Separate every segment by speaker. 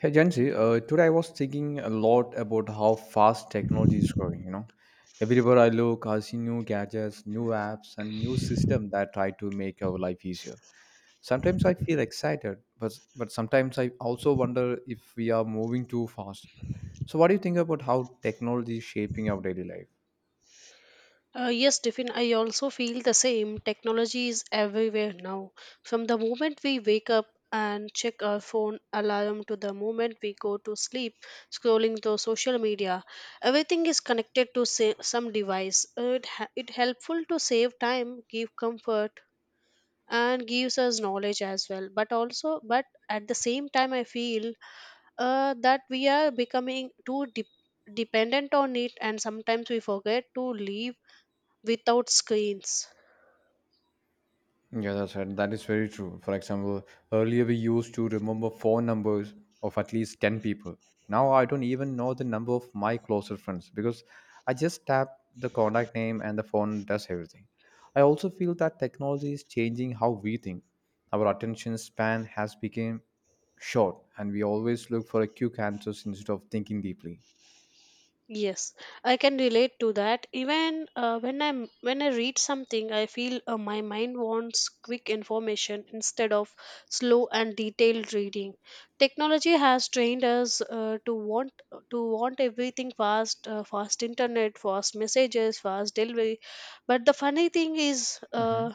Speaker 1: Hey Jansi, today I was thinking a lot about how fast technology is growing. You know, everywhere I look, I see new gadgets, new apps, and new systems that try to make our life easier. Sometimes I feel excited, but sometimes I also wonder if we are moving too fast. So, what do you think about how technology is shaping our daily life?
Speaker 2: Yes, Tiffin, I also feel the same. Technology is everywhere now. From the moment we wake up and check our phone alarm to the moment we go to sleep, scrolling through social media, everything is connected to some device. It ha- it helpful to save time, give comfort, and gives us knowledge as well. But at the same time, I feel that we are becoming too dependent on it, and sometimes we forget to leave without screens.
Speaker 1: Yeah, that's right. That is very true. For example, earlier we used to remember phone numbers of at least 10 people. Now I don't even know the number of my closer friends because I just tap the contact name and the phone does everything. I also feel that technology is changing how we think. Our attention span has become short and we always look for a quick answers instead of thinking deeply.
Speaker 2: Yes, I can relate to that. Even when I am when I read something, I feel my mind wants quick information instead of slow and detailed reading. Technology has trained us to want everything fast. Fast internet, fast messages, fast delivery. But the funny thing is,
Speaker 1: Hmm.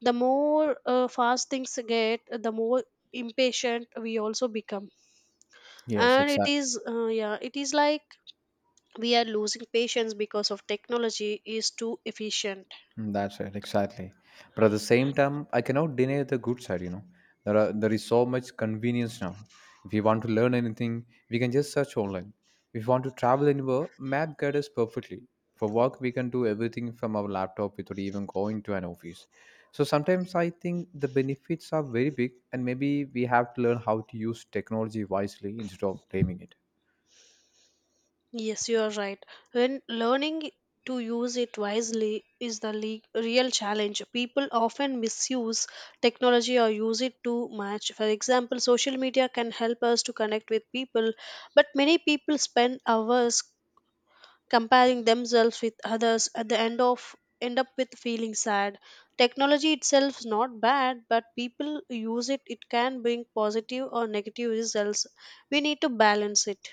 Speaker 2: the more fast things get, the more impatient we also become.
Speaker 1: Yes,
Speaker 2: And it
Speaker 1: exactly.
Speaker 2: is, yeah, it is like we are losing patience because of technology is too efficient.
Speaker 1: Mm, that's right, exactly. But at the same time, I cannot deny the good side. You know, there are there is so much convenience now. If we want to learn anything, we can just search online. If we want to travel anywhere, map guide us perfectly. For work, we can do everything from our laptop without even going to an office. So sometimes I think the benefits are very big, and maybe we have to learn how to use technology wisely instead of blaming it.
Speaker 2: Yes, you are right. When learning to use it wisely is the real challenge. People often misuse technology or use it too much. For example, social media can help us to connect with people, but many people spend hours comparing themselves with others, at the end of end up with feeling sad. Technology itself is not bad, but people use it, can bring positive or negative results. We need to balance it.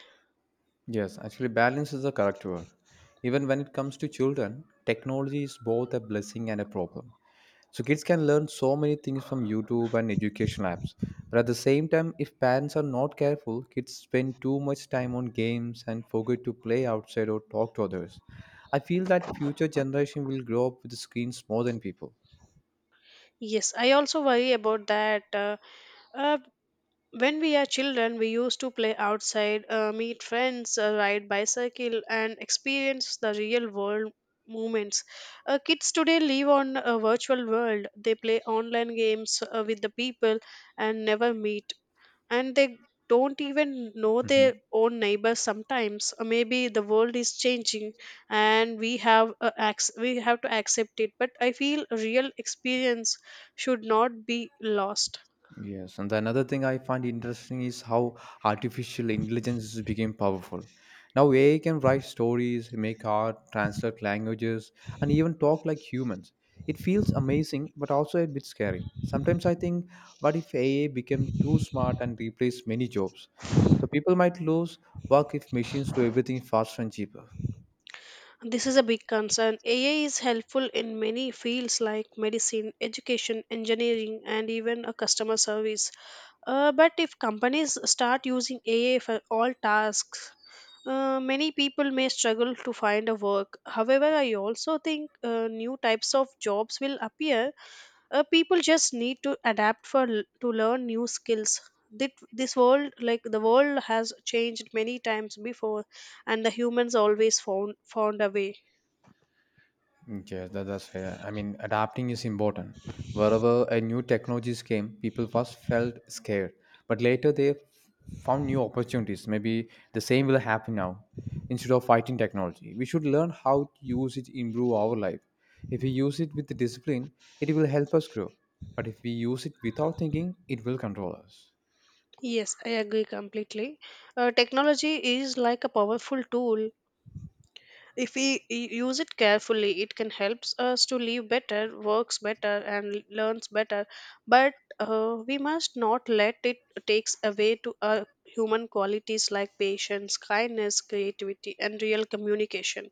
Speaker 1: Yes, actually, balance is the correct word. Even when it comes to children, technology is both a blessing and a problem. So kids can learn so many things from YouTube and educational apps. But at the same time, if parents are not careful, kids spend too much time on games and forget to play outside or talk to others. I feel that future generation will grow up with screens more than people.
Speaker 2: Yes, I also worry about that. Uh, When we are children, we used to play outside, meet friends, ride bicycle, and experience the real world moments. Kids today live on a virtual world. They play online games with the people and never meet, and they don't even know their own neighbors sometimes. Maybe the world is changing and we have we have to accept it, but I feel real experience should not be lost.
Speaker 1: Yes, and another thing I find interesting is how artificial intelligence became powerful. Now AI can write stories, make art, translate languages, and even talk like humans. It feels amazing, but also a bit scary. Sometimes I think, what if AI became too smart and replaced many jobs? So people might lose work if machines do everything faster and cheaper.
Speaker 2: This is a big concern. AI is helpful in many fields like medicine, education, engineering, and even a customer service. But if companies start using AI for all tasks, many people may struggle to find a work. However, I also think new types of jobs will appear. People just need to adapt for to learn new skills. This world, like the world, has changed many times before, and the humans always found a way.
Speaker 1: Mm, yes, that's fair. I mean, adapting is important. Wherever a new technologies came, people first felt scared, but later they found new opportunities. Maybe the same will happen now. Instead of fighting technology, we should learn how to use it to improve our life. If we use it with discipline, it will help us grow. But if we use it without thinking, it will control us.
Speaker 2: Yes, I agree completely. Technology is like a powerful tool. If we use it carefully, it can help us to live better, works better, and learns better. But we must not let it takes away to our human qualities like patience, kindness, creativity, and real communication.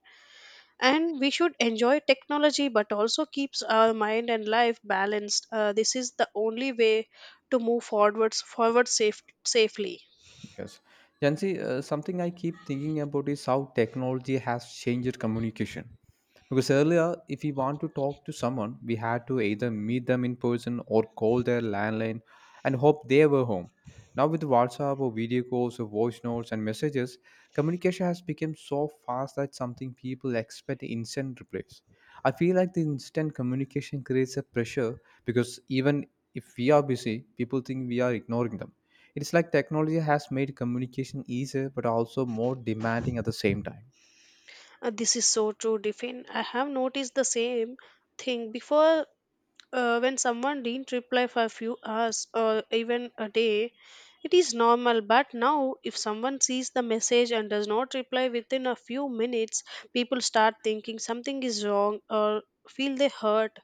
Speaker 2: And we should enjoy technology, but also keeps our mind and life balanced. This is the only way to move forward safe, safely.
Speaker 1: Yes. Jansi, something I keep thinking about is how technology has changed communication. Because earlier, if we want to talk to someone, we had to either meet them in person or call their landline and hope they were home. Now, with WhatsApp or video calls or voice notes and messages, communication has become so fast that something people expect instant replies. I feel like the instant communication creates a pressure because even if we are busy, people think we are ignoring them. It's like technology has made communication easier but also more demanding at the same time.
Speaker 2: This is so true, Diffin. I have noticed the same thing before. When someone didn't reply for a few hours or even a day, it is normal, but now if someone sees the message and does not reply within a few minutes, people start thinking something is wrong or feel they hurt.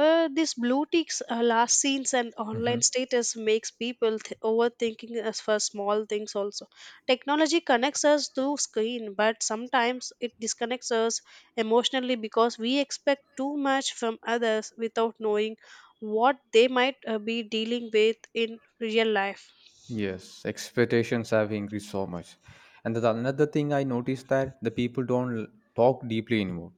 Speaker 2: These blue ticks, last scenes and online status makes people overthinking as for small things also. Technology connects us to screen, but sometimes it disconnects us emotionally because we expect too much from others without knowing what they might be dealing with in real life.
Speaker 1: Yes, expectations have increased so much. And the another thing I noticed that the people don't l- talk deeply anymore.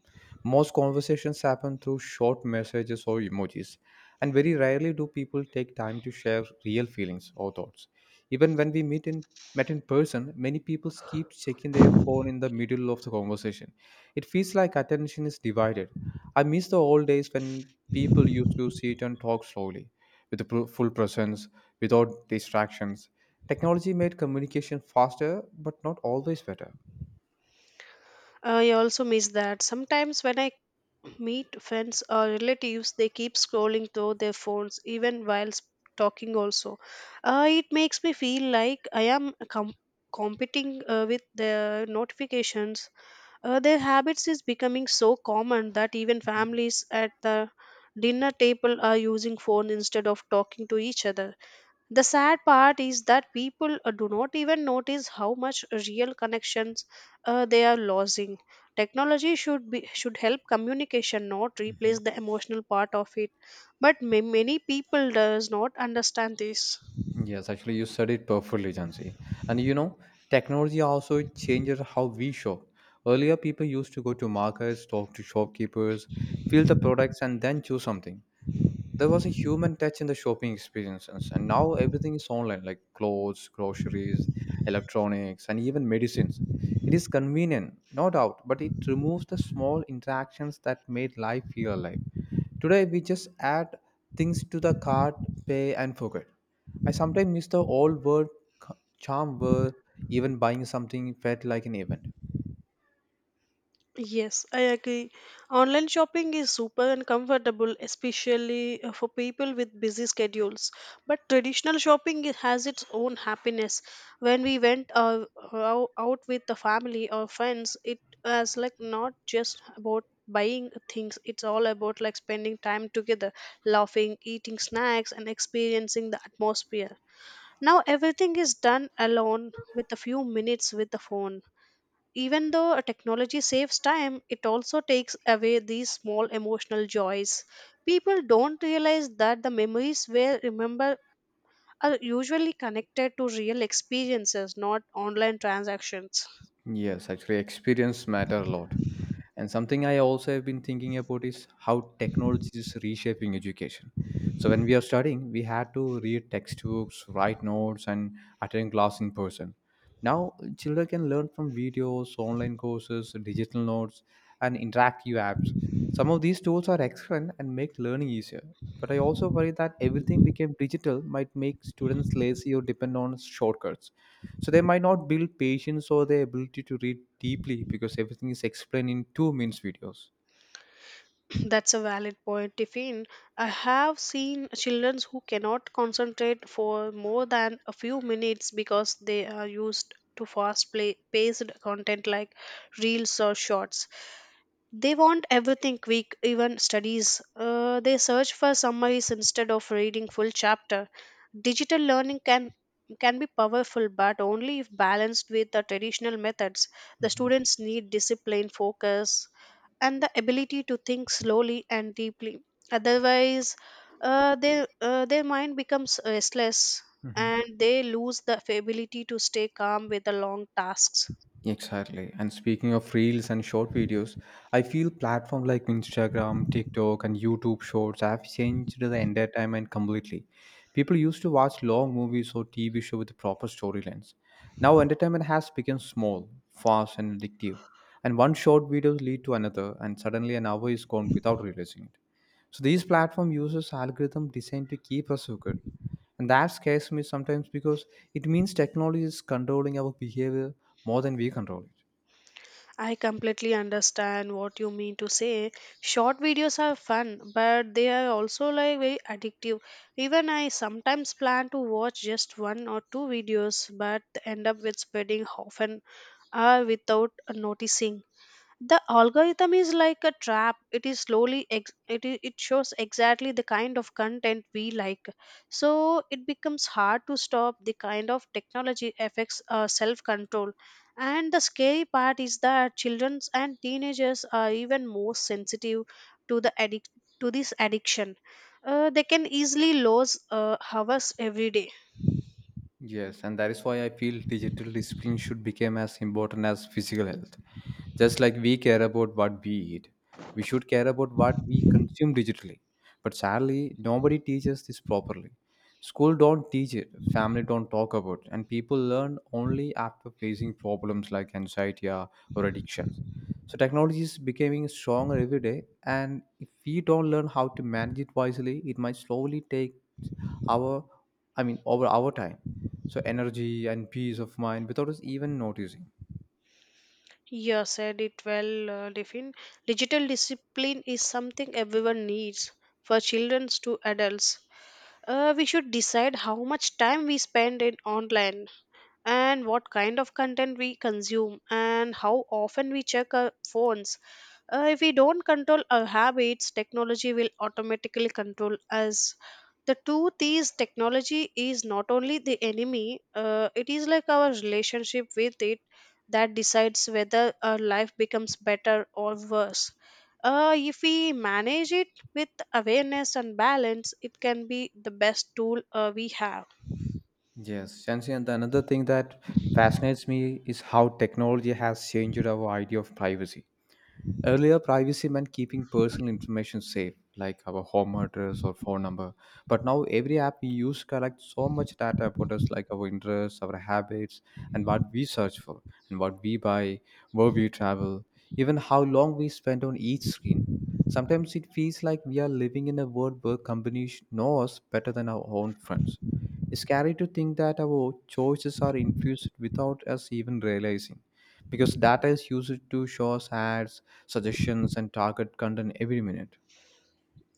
Speaker 1: Most conversations happen through short messages or emojis, and very rarely do people take time to share real feelings or thoughts. Even when we meet in met in person, many people keep checking their phone in the middle of the conversation. It feels like attention is divided. I miss the old days when people used to sit and talk slowly with a full presence without distractions. Technology made communication faster, but not always better.
Speaker 2: I also miss that. Sometimes when I meet friends or relatives, they keep scrolling through their phones even while talking, also. It makes me feel like I am competing with the notifications. Their habits is becoming so common that even families at the dinner table are using phone instead of talking to each other. The sad part is that people do not even notice how much real connections they are losing. Technology should help communication, not replace
Speaker 1: Mhm.
Speaker 2: the emotional part of it. But many people does not understand this.
Speaker 1: Yes, actually, you said it perfectly, Jansi. And you know, technology also changes how we shop. Earlier, people used to go to markets, talk to shopkeepers, feel the products, and then choose something. There was a human touch in the shopping experiences, and now everything is online, like clothes, groceries, electronics, and even medicines. It is convenient, no doubt, but it removes the small interactions that made life feel alive. Today we just add things to the cart, pay, and forget. I sometimes miss the old word charm where even buying something felt like an event.
Speaker 2: Yes, I agree. Online shopping is super and comfortable, especially for people with busy schedules. But traditional shopping it has its own happiness. When we went, out with the family or friends, it was like not just about buying things, it's all about like spending time together, laughing, eating snacks, and experiencing the atmosphere. Now everything is done alone with a few minutes with the phone. Even though a technology saves time, it also takes away these small emotional joys. People don't realize that the memories we remember are usually connected to real experiences, not online transactions.
Speaker 1: Yes, actually experience matter a lot. And something I also have been thinking about is how technology is reshaping education. So when we are studying, we had to read textbooks, write notes, and attend class in person. Now children can learn from videos, online courses, digital notes, and interactive apps. Some of these tools are excellent and make learning easier. But I also worry that everything became digital might make students lazy or depend on shortcuts, so they might not build patience or the ability to read deeply because everything is explained in two-minute videos.
Speaker 2: That's a valid point, Tiffin. I have seen children who cannot concentrate for more than a few minutes because they are used to fast play, paced content like reels or shorts. They want everything quick, even studies. They search for summaries instead of reading full chapter. Digital learning can be powerful, but only if balanced with the traditional methods. The
Speaker 1: Mm-hmm.
Speaker 2: students need discipline, focus, and the ability to think slowly and deeply. Otherwise, their mind becomes restless
Speaker 1: Mm-hmm.
Speaker 2: and they lose the ability to stay calm with the long tasks.
Speaker 1: Exactly. And speaking of reels and short videos, I feel platforms like Instagram, TikTok, and YouTube Shorts have changed the entertainment completely. People used to watch long movies or TV show with proper storylines. Now entertainment has become small, fast, and addictive. And one short video lead to another, and suddenly an hour is gone without realizing it. So these platform uses algorithm designed to keep us hooked. And that scares me sometimes because it means technology is controlling our behavior more than we control it.
Speaker 2: I completely understand what you mean to say. Short videos are fun, but they are also like very addictive. Even I sometimes plan to watch just one or two videos, but end up with spreading often or without noticing. The algorithm is like a trap. It is slowly ex- it, i- it shows exactly the kind of content we like, so it becomes hard to stop. The kind of technology affects self control. And the scary part is that children and teenagers are even more sensitive to the to this addiction. Uh, they can easily lose hours every day.
Speaker 1: Yes, and that is why I feel digital discipline should become as important as physical health. Just like we care about what we eat, we should care about what we consume digitally. But sadly, nobody teaches this properly. School don't teach it, family don't talk about it, and people learn only after facing problems like anxiety or addictions. So technology is becoming stronger every day, and if we don't learn how to manage it wisely, it might slowly take our, over our time, so energy and peace of mind without us even noticing.
Speaker 2: You said it well, Devin. Digital discipline is something everyone needs, for children to adults. We should decide how much time we spend in online and what kind of content we consume and how often we check our phones. If we don't control our habits, technology will automatically control us. The truth is, technology is not only the enemy, it is like our relationship with it that decides whether our life becomes better or worse. If we manage it with awareness and balance, it can be the best tool we have.
Speaker 1: Yes, Shansi, and another thing that fascinates me is how technology has changed our idea of privacy. Earlier, privacy meant keeping personal information safe, like our home address or phone number. But now, every app we use collects so much data about us, like our interests, our habits, and what we search for, and what we buy, where we travel, even how long we spend on each screen. Sometimes it feels like we are living in a world where companies know us better than our own friends. It's scary to think that our choices are infused without us even realizing, because data is used to show us ads, suggestions, and target content every minute.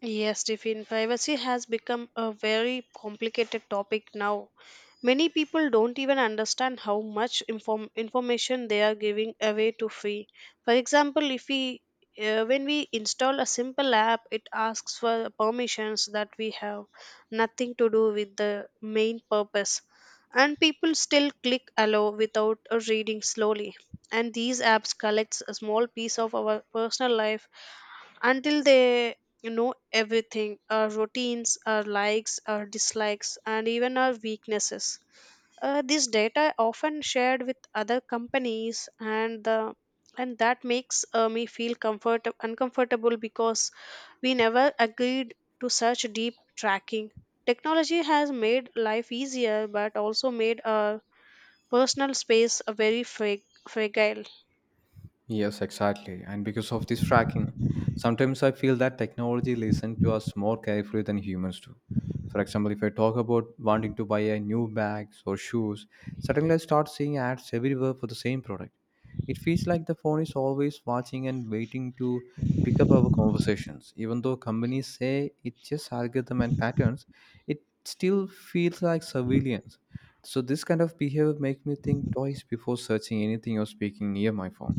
Speaker 2: Yes, Tiffin, privacy has become a very complicated topic now. Many people don't even understand how much information they are giving away to free. For example, if we when we install a simple app, it asks for permissions that we have nothing to do with the main purpose. And people still click allow without reading slowly. And these apps collects a small piece of our personal life until they know everything, our routines, our likes, our dislikes, and even our weaknesses. This data often shared with other companies, and that makes me feel comfort uncomfortable because we never agreed to such deep tracking. Technology has made life easier but also made our personal space a very fragile.
Speaker 1: Yes, exactly. And because of this tracking, sometimes I feel that technology listens to us more carefully than humans do. For example, if I talk about wanting to buy a new bags or shoes, suddenly I start seeing ads everywhere for the same product. It feels like the phone is always watching and waiting to pick up our conversations. Even though companies say it's just algorithm and patterns, it still feels like surveillance. So this kind of behavior makes me think twice before searching anything or speaking near my phone.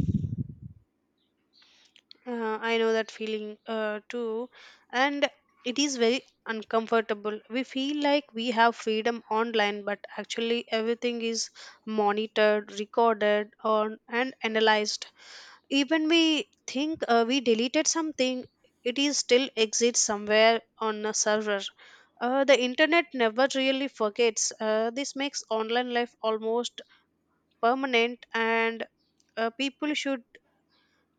Speaker 2: I know that feeling too, and it is very uncomfortable. We feel like we have freedom online, but actually everything is monitored, recorded, on and analyzed. Even we think we deleted something, it is still exists somewhere on a server. The internet never really forgets. This makes online life almost permanent, and people should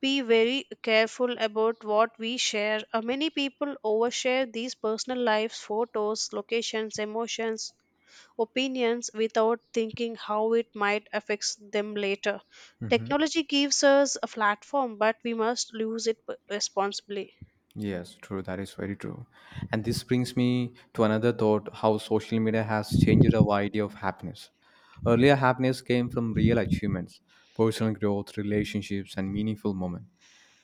Speaker 2: be very careful about what we share. Many people overshare these personal lives, photos, locations, emotions, opinions without thinking how it might affect them later.
Speaker 1: Hmm.
Speaker 2: Technology gives us a platform, but we must use it responsibly.
Speaker 1: Yes, true. That is very true. And this brings me to another thought, how social media has changed our idea of happiness. Earlier, happiness came from real achievements, personal growth, relationships, and meaningful moments.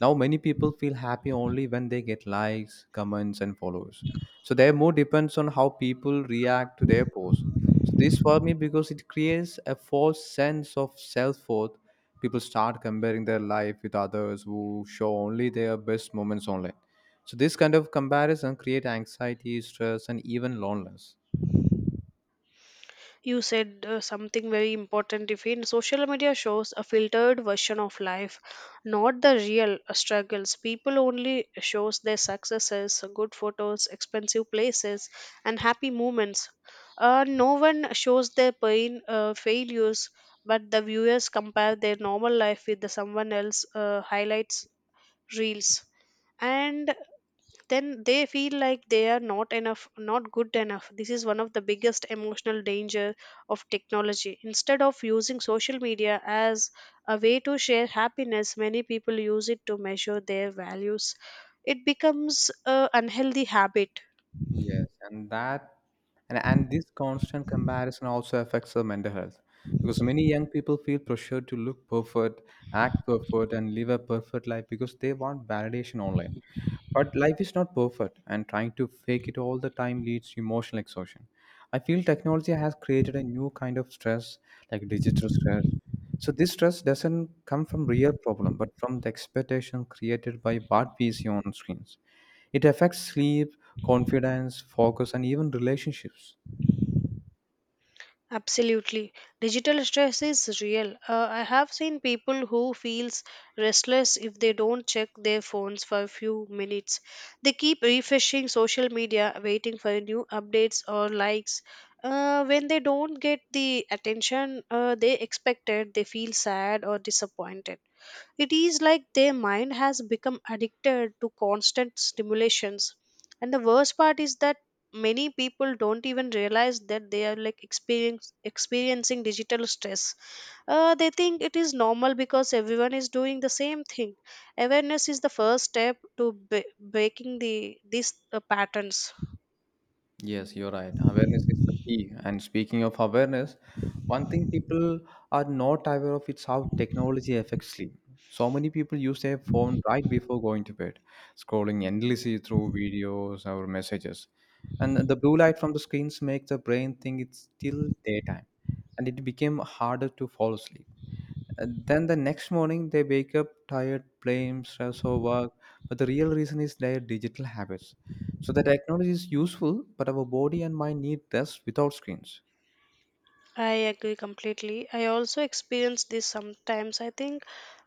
Speaker 1: Now, many people feel happy only when they get likes, comments, and followers. So, their mood depends on how people react to their posts. So, this for me because it creates a false sense of self worth. People start comparing their life with others who show only their best moments online, so this kind of comparison create anxiety, stress, and even loneliness.
Speaker 2: You said something very important. If in social media shows a filtered version of life, not the real struggles. People only shows their successes, good photos, expensive places, and happy moments. No one shows their pain, failures, but the viewers compare their normal life with the someone else highlights reels. And then they feel like they are not good enough. This is one of the biggest emotional danger of technology. Instead of using social media as a way to share happiness, many people use it to measure their values. It becomes a unhealthy habit.
Speaker 1: Yes, and this constant comparison also affects the mental health because many young people feel pressured to look perfect, act perfect, and live a perfect life because they want validation online. But life is not perfect, and trying to fake it all the time leads to emotional exhaustion. I feel technology has created a new kind of stress, like digital stress. So this stress doesn't come from real problem, but from the expectation created by what we see on screens. It affects sleep, confidence, focus, and even relationships.
Speaker 2: Absolutely. Digital stress is real. I have seen people who feels restless if they don't check their phones for a few minutes. They keep refreshing social media waiting for new updates or likes. When they don't get the attention they expected, they feel sad or disappointed. It is like their mind has become addicted to constant stimulations. And the worst part is that many people don't even realize that they are experiencing digital stress. They think it is normal because everyone is doing the same thing. Awareness is the first step to breaking these patterns.
Speaker 1: Yes, you're right. Awareness is the key. And speaking of awareness, one thing people are not aware of is how technology affects sleep. So many people use their phone right before going to bed, scrolling endlessly through videos or messages. And the blue light from the screens make the brain think it's still daytime, and it became harder to fall asleep. And then the next morning, they wake up tired, blame stress or work. But the real reason is their digital habits. So the technology is useful, but our body and mind need rest without screens.
Speaker 2: I agree completely. I also experience this sometimes. I think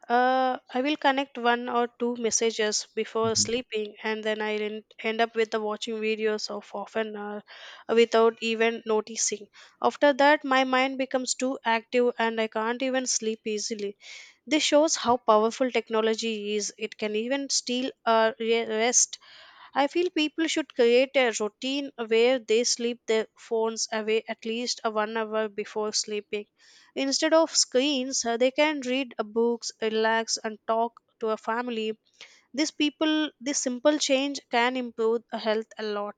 Speaker 2: I will connect one or two messages before
Speaker 1: Mhm.
Speaker 2: sleeping, and then I end up with the watching videos of half an hour without even noticing. After that, my mind becomes too active, and I can't even sleep easily. This shows how powerful technology is. It can even steal our rest. I feel people should create a routine where they sleep their phones away at least a 1 hour before sleeping. Instead of screens, they can read books, relax, and talk to a family. These people, this simple change can improve health a lot.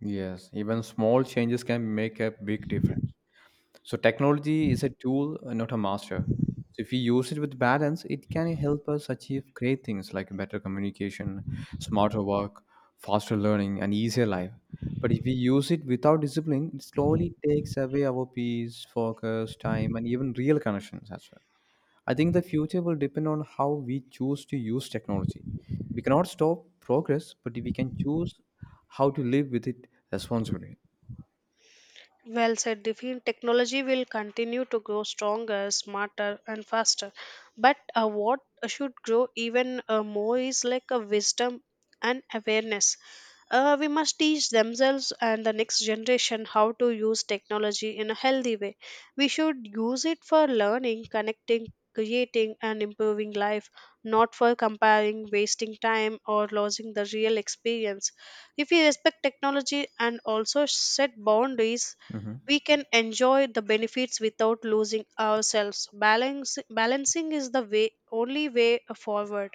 Speaker 1: Yes, even small changes can make a big difference. So technology is a tool, not a master. So if we use it with balance, it can help us achieve great things like better communication, smarter work, faster learning, and easier life. But if we use it without discipline, it slowly takes away our peace, focus, time, and even real connections as well. I think the future will depend on how we choose to use technology. We cannot stop progress, but we can choose how to live with it responsibly.
Speaker 2: Well said, Diffin. Technology will continue to grow stronger, smarter, and faster. But what should grow even more is like a wisdom and awareness. We must teach themselves and the next generation how to use technology in a healthy way. We should use it for learning, connecting, creating, and improving life, not for comparing, wasting time, or losing the real experience. If we respect technology and also set boundaries,
Speaker 1: Mhm.
Speaker 2: we can enjoy the benefits without losing ourselves. Balance balancing is the way only way forward.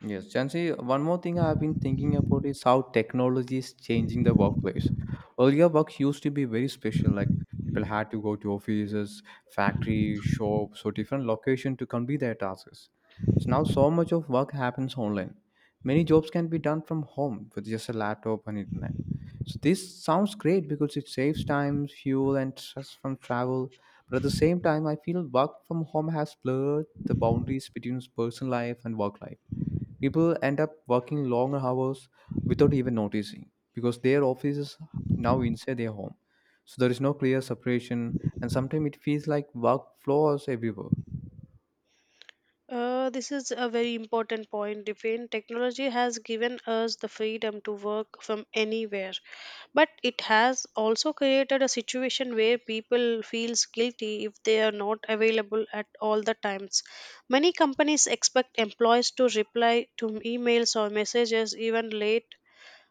Speaker 1: Yes, Chancy, one more thing I have been thinking about is how technology is changing the workplace. Earlier, work used to be very special, like people had to go to offices, factory, shops, or different location to complete their tasks. So now so much of work happens online. Many jobs can be done from home with just a laptop and internet. So this sounds great because it saves time, fuel, and stress from travel. But at the same time, I feel work from home has blurred the boundaries between personal life and work life. People end up working long hours without even noticing because their office is now inside their home. So there is no clear separation, and sometimes it feels like work flows everywhere.
Speaker 2: This is a very important point, Devin. Technology has given us the freedom to work from anywhere, but it has also created a situation where people feels guilty if they are not available at all the times. Many companies expect employees to reply to emails or messages even late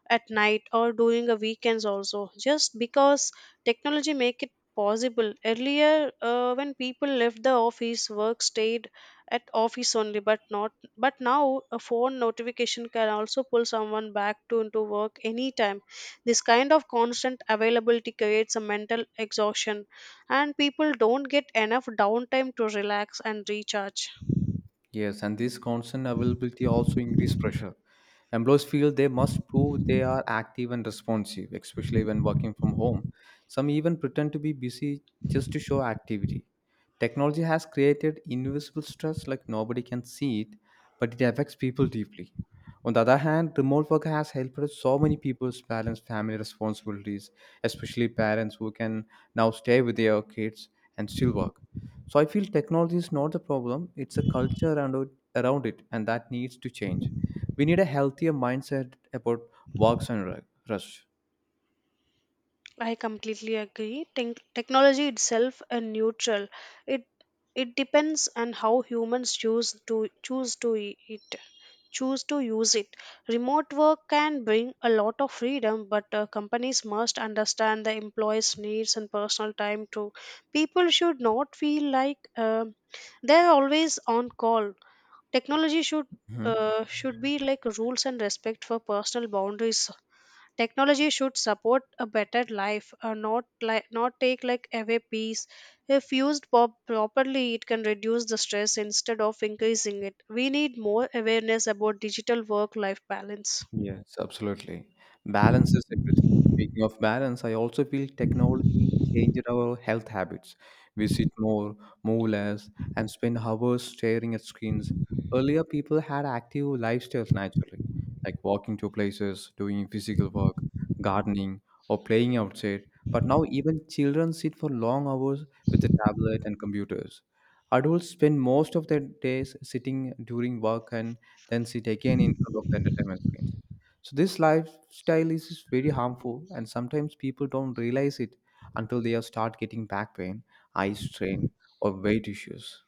Speaker 2: at night or during the weekends also, just because technology make it possible. Earlier, when people left the office, work stayed at office only. But not But now a phone notification can also pull someone back to into work anytime. This kind of constant availability creates a mental exhaustion, and people don't get enough downtime to relax and recharge.
Speaker 1: Yes, and this constant availability also increases pressure. Employees feel they must prove they are active and responsive, especially when working from home. Some even pretend to be busy just to show activity. Technology has created invisible stress like nobody can see it, but it affects people deeply. On the other hand, remote work has helped so many people balance family responsibilities, especially parents who can now stay with their kids and still work. So I feel technology is not the problem; it's a culture around it, and that needs to change. We need a healthier mindset about works and rush.
Speaker 2: I completely agree. Technology itself is neutral. It it depends on how humans choose to use it. Remote work can bring a lot of freedom, but companies must understand the employees' needs and personal time too. People should not feel like they're always on call. Technology should
Speaker 1: Mhm.
Speaker 2: uh, should be like rules and respect for personal boundaries. Technology should support a better life, not like not take like away peace. If used properly, it can reduce the stress instead of increasing it. We need more awareness about digital work-life balance.
Speaker 1: Yes, absolutely. Balance is everything. Speaking of balance, I also feel technology changed our health habits. We sit more, move less, and spend hours staring at screens. Earlier, people had active lifestyles naturally, like walking to places, doing physical work, gardening, or playing outside. But now, even children sit for long hours with the tablet and computers. Adults spend most of their days sitting during work and then sit again in front of the entertainment screens. So this lifestyle is very harmful, and sometimes people don't realize it until they start getting back pain, eye strain, or weight issues.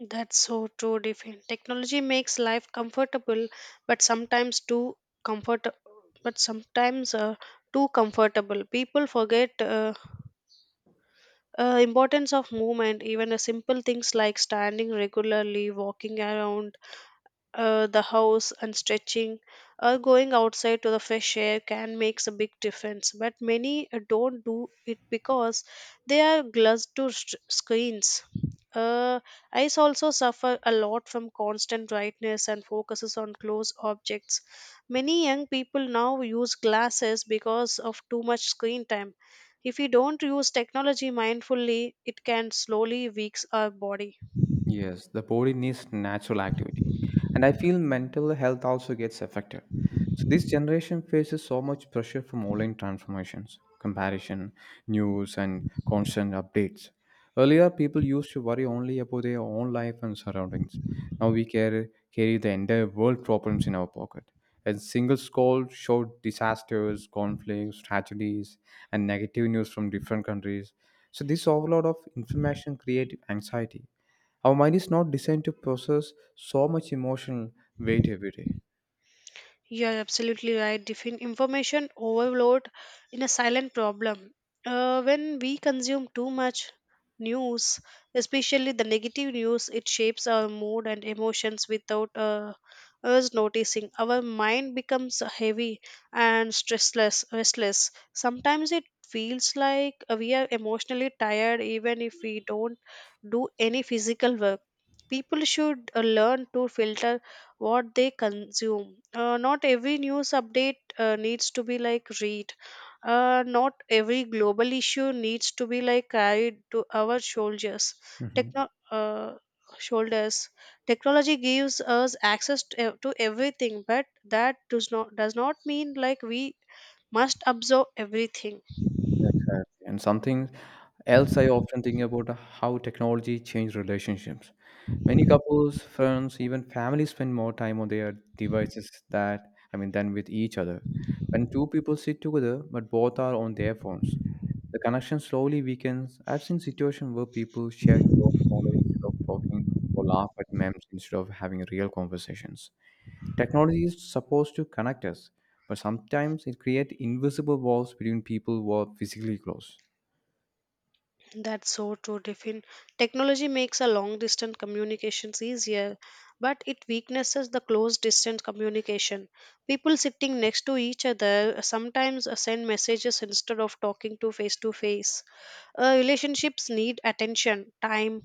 Speaker 2: That's so true, Diffin. Technology makes life comfortable, but sometimes too comfort, but sometimes too comfortable. People forget importance of movement. Even a simple things like standing regularly, walking around, the house and stretching or going outside to the fresh air can makes a big difference, but many don't do it because they are glued to s screens. uh, Eyes also suffer a lot from constant brightness and focuses on close objects. Many young people now use glasses because of too much screen time. If we don't use technology mindfully, it can slowly weaks our body.
Speaker 1: Yes, the body needs natural activity. And I feel mental health also gets affected. So this generation faces so much pressure from online transformations, comparison, news, and constant updates. Earlier, people used to worry only about their own life and surroundings. Now we carry the entire world problems in our pocket. A single scroll showed disasters, conflicts, tragedies, and negative news from different countries. So this overload of information creates anxiety. Our mind is not designed to process so much emotional weight every day.
Speaker 2: You are absolutely right. Information overload in a silent problem. When we consume too much news, especially the negative news, it shapes our mood and emotions without us noticing. Our mind becomes heavy and restless. Sometimes it feels like we are emotionally tired even if we don't do any physical work. People should learn to filter what they consume. Not every news update needs to be like read. Not every global issue needs to be like carried to our shoulders.
Speaker 1: Hmm.
Speaker 2: Techno- uh, Shoulders. Technology gives us access to, to everything, but that does not mean like we must absorb everything.
Speaker 1: Exactly. And something else I often think about how technology changed relationships. Many couples, friends, even families spend more time on their devices that I mean than with each other. When two people sit together but both are on their phones, the connection slowly weakens. I've seen situations where people share jokes online instead of talking or laugh at memes instead of having real conversations. Technology is supposed to connect us, but sometimes it creates invisible walls between people who are physically close.
Speaker 2: That's so true, Tiffin. Technology makes a long distance communications easier, but it weaknesses the close distance communication. People sitting next to each other sometimes send messages instead of talking to face to face. Relationships need attention, time,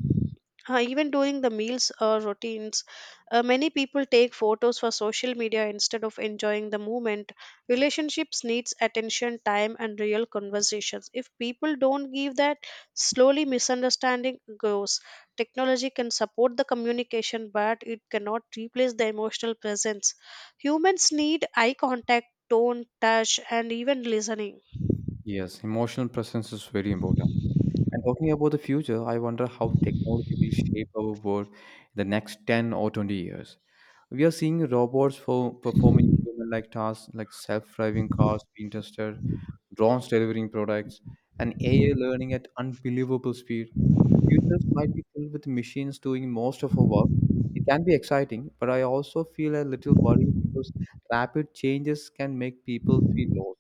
Speaker 2: even during the meals or routines. Many people take photos for social media instead of enjoying the moment. Relationships needs attention, time, and real conversations. If people don't give that, slowly misunderstanding grows. Technology can support the communication, but it cannot replace the emotional presence. Humans need eye contact, tone, touch, and even listening.
Speaker 1: Yes, emotional presence is very important. And talking about the future, I wonder how technology will shape our world in the next 10 or 20 years. We are seeing robots for performing human-like tasks like self-driving cars being tested, drones delivering products, and AI learning at unbelievable speed. The futures might be filled with machines doing most of our work. It can be exciting, but I also feel a little worried because rapid changes can make people feel lost.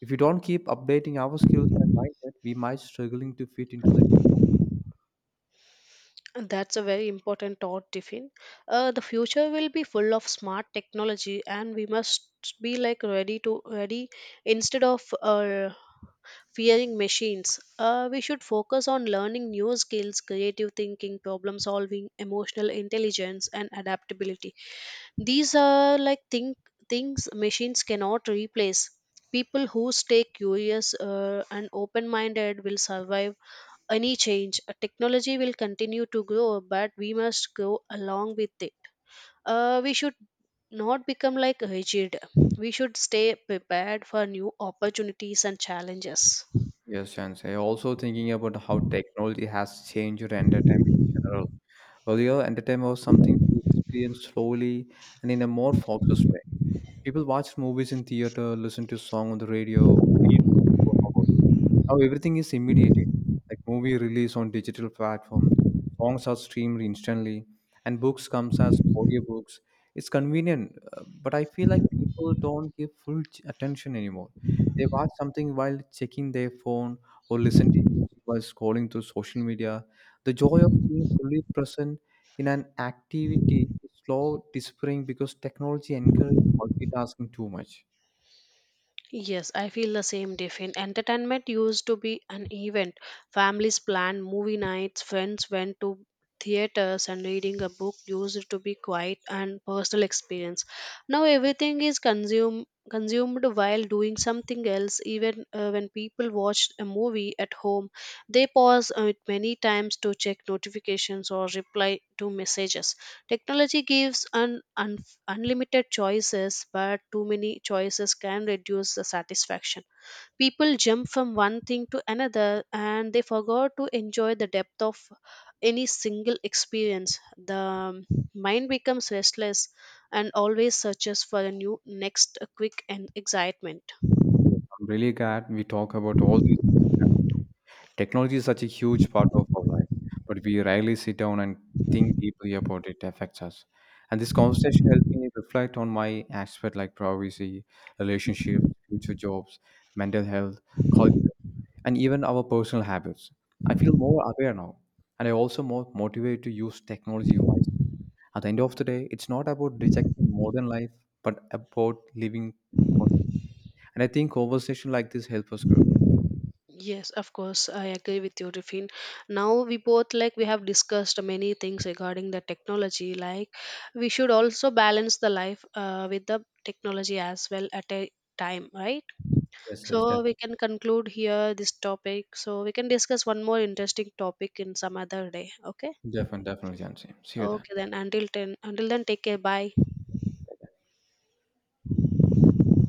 Speaker 1: If we don't keep updating our skills and mindset, we might struggling to fit into the new.
Speaker 2: That's a very important thought, Tiffin. The future will be full of smart technology, and we must be like ready instead of fearing machines. We should focus on learning new skills, creative thinking, problem solving, emotional intelligence, and adaptability. These are like think things machines cannot replace. People who stay curious and open minded will survive any change. Technology will continue to grow, but we must go along with it. We should not become like rigid. We should stay prepared for new opportunities and challenges.
Speaker 1: Yes, Chansey. Also thinking about how technology has changed your entertainment in general. Earlier, entertainment was something we experienced slowly and in a more focused way. People watched movies in theater, listened to song on the radio, or read books for hours. Now everything is immediate, like movie release on digital platforms, songs are streamed instantly, and books comes as audiobooks. It's convenient, but I feel like people don't give full attention anymore. They watch something while checking their phone or listen to music while scrolling through social media. The joy of being fully present in an activity is slow disappearing because technology encourages multitasking too much.
Speaker 2: Yes, I feel the same, Tiffin. Entertainment used to be an event. Families planned movie nights, friends went to theaters, and reading a book used to be quiet and personal experience. Now everything is consumed while doing something else, even when people watch a movie at home, they pause it many times to check notifications or reply to messages. Technology gives an unlimited choices, but too many choices can reduce the satisfaction. People jump from one thing to another, and they forgot to enjoy the depth of any single experience. The mind becomes restless and always searches for a new, next, quick and excitement.
Speaker 1: Yes, I'm really glad we talk about all these things. Technology is such a huge part of our life, but we rarely sit down and think deeply about it affects us. And this conversation helped me reflect on my aspect like privacy, relationships, future jobs, mental health, culture, and even our personal habits. I feel more aware now, and I also more motivated to use technology wisely. At the end of the day, it's not about rejecting modern life, but about living. Conscious. And I think conversation like this help us grow.
Speaker 2: Yes, of course, I agree with you, Rifin. Now we both like we have discussed many things regarding the technology. Like we should also balance the life with the technology as well at a time, right?
Speaker 1: Yes, yes,
Speaker 2: So we
Speaker 1: definitely,
Speaker 2: can conclude here this topic. So we can discuss one more interesting topic in some other day. Okay.
Speaker 1: Jansi. See you then.
Speaker 2: Okay then. Until then, take care. Bye.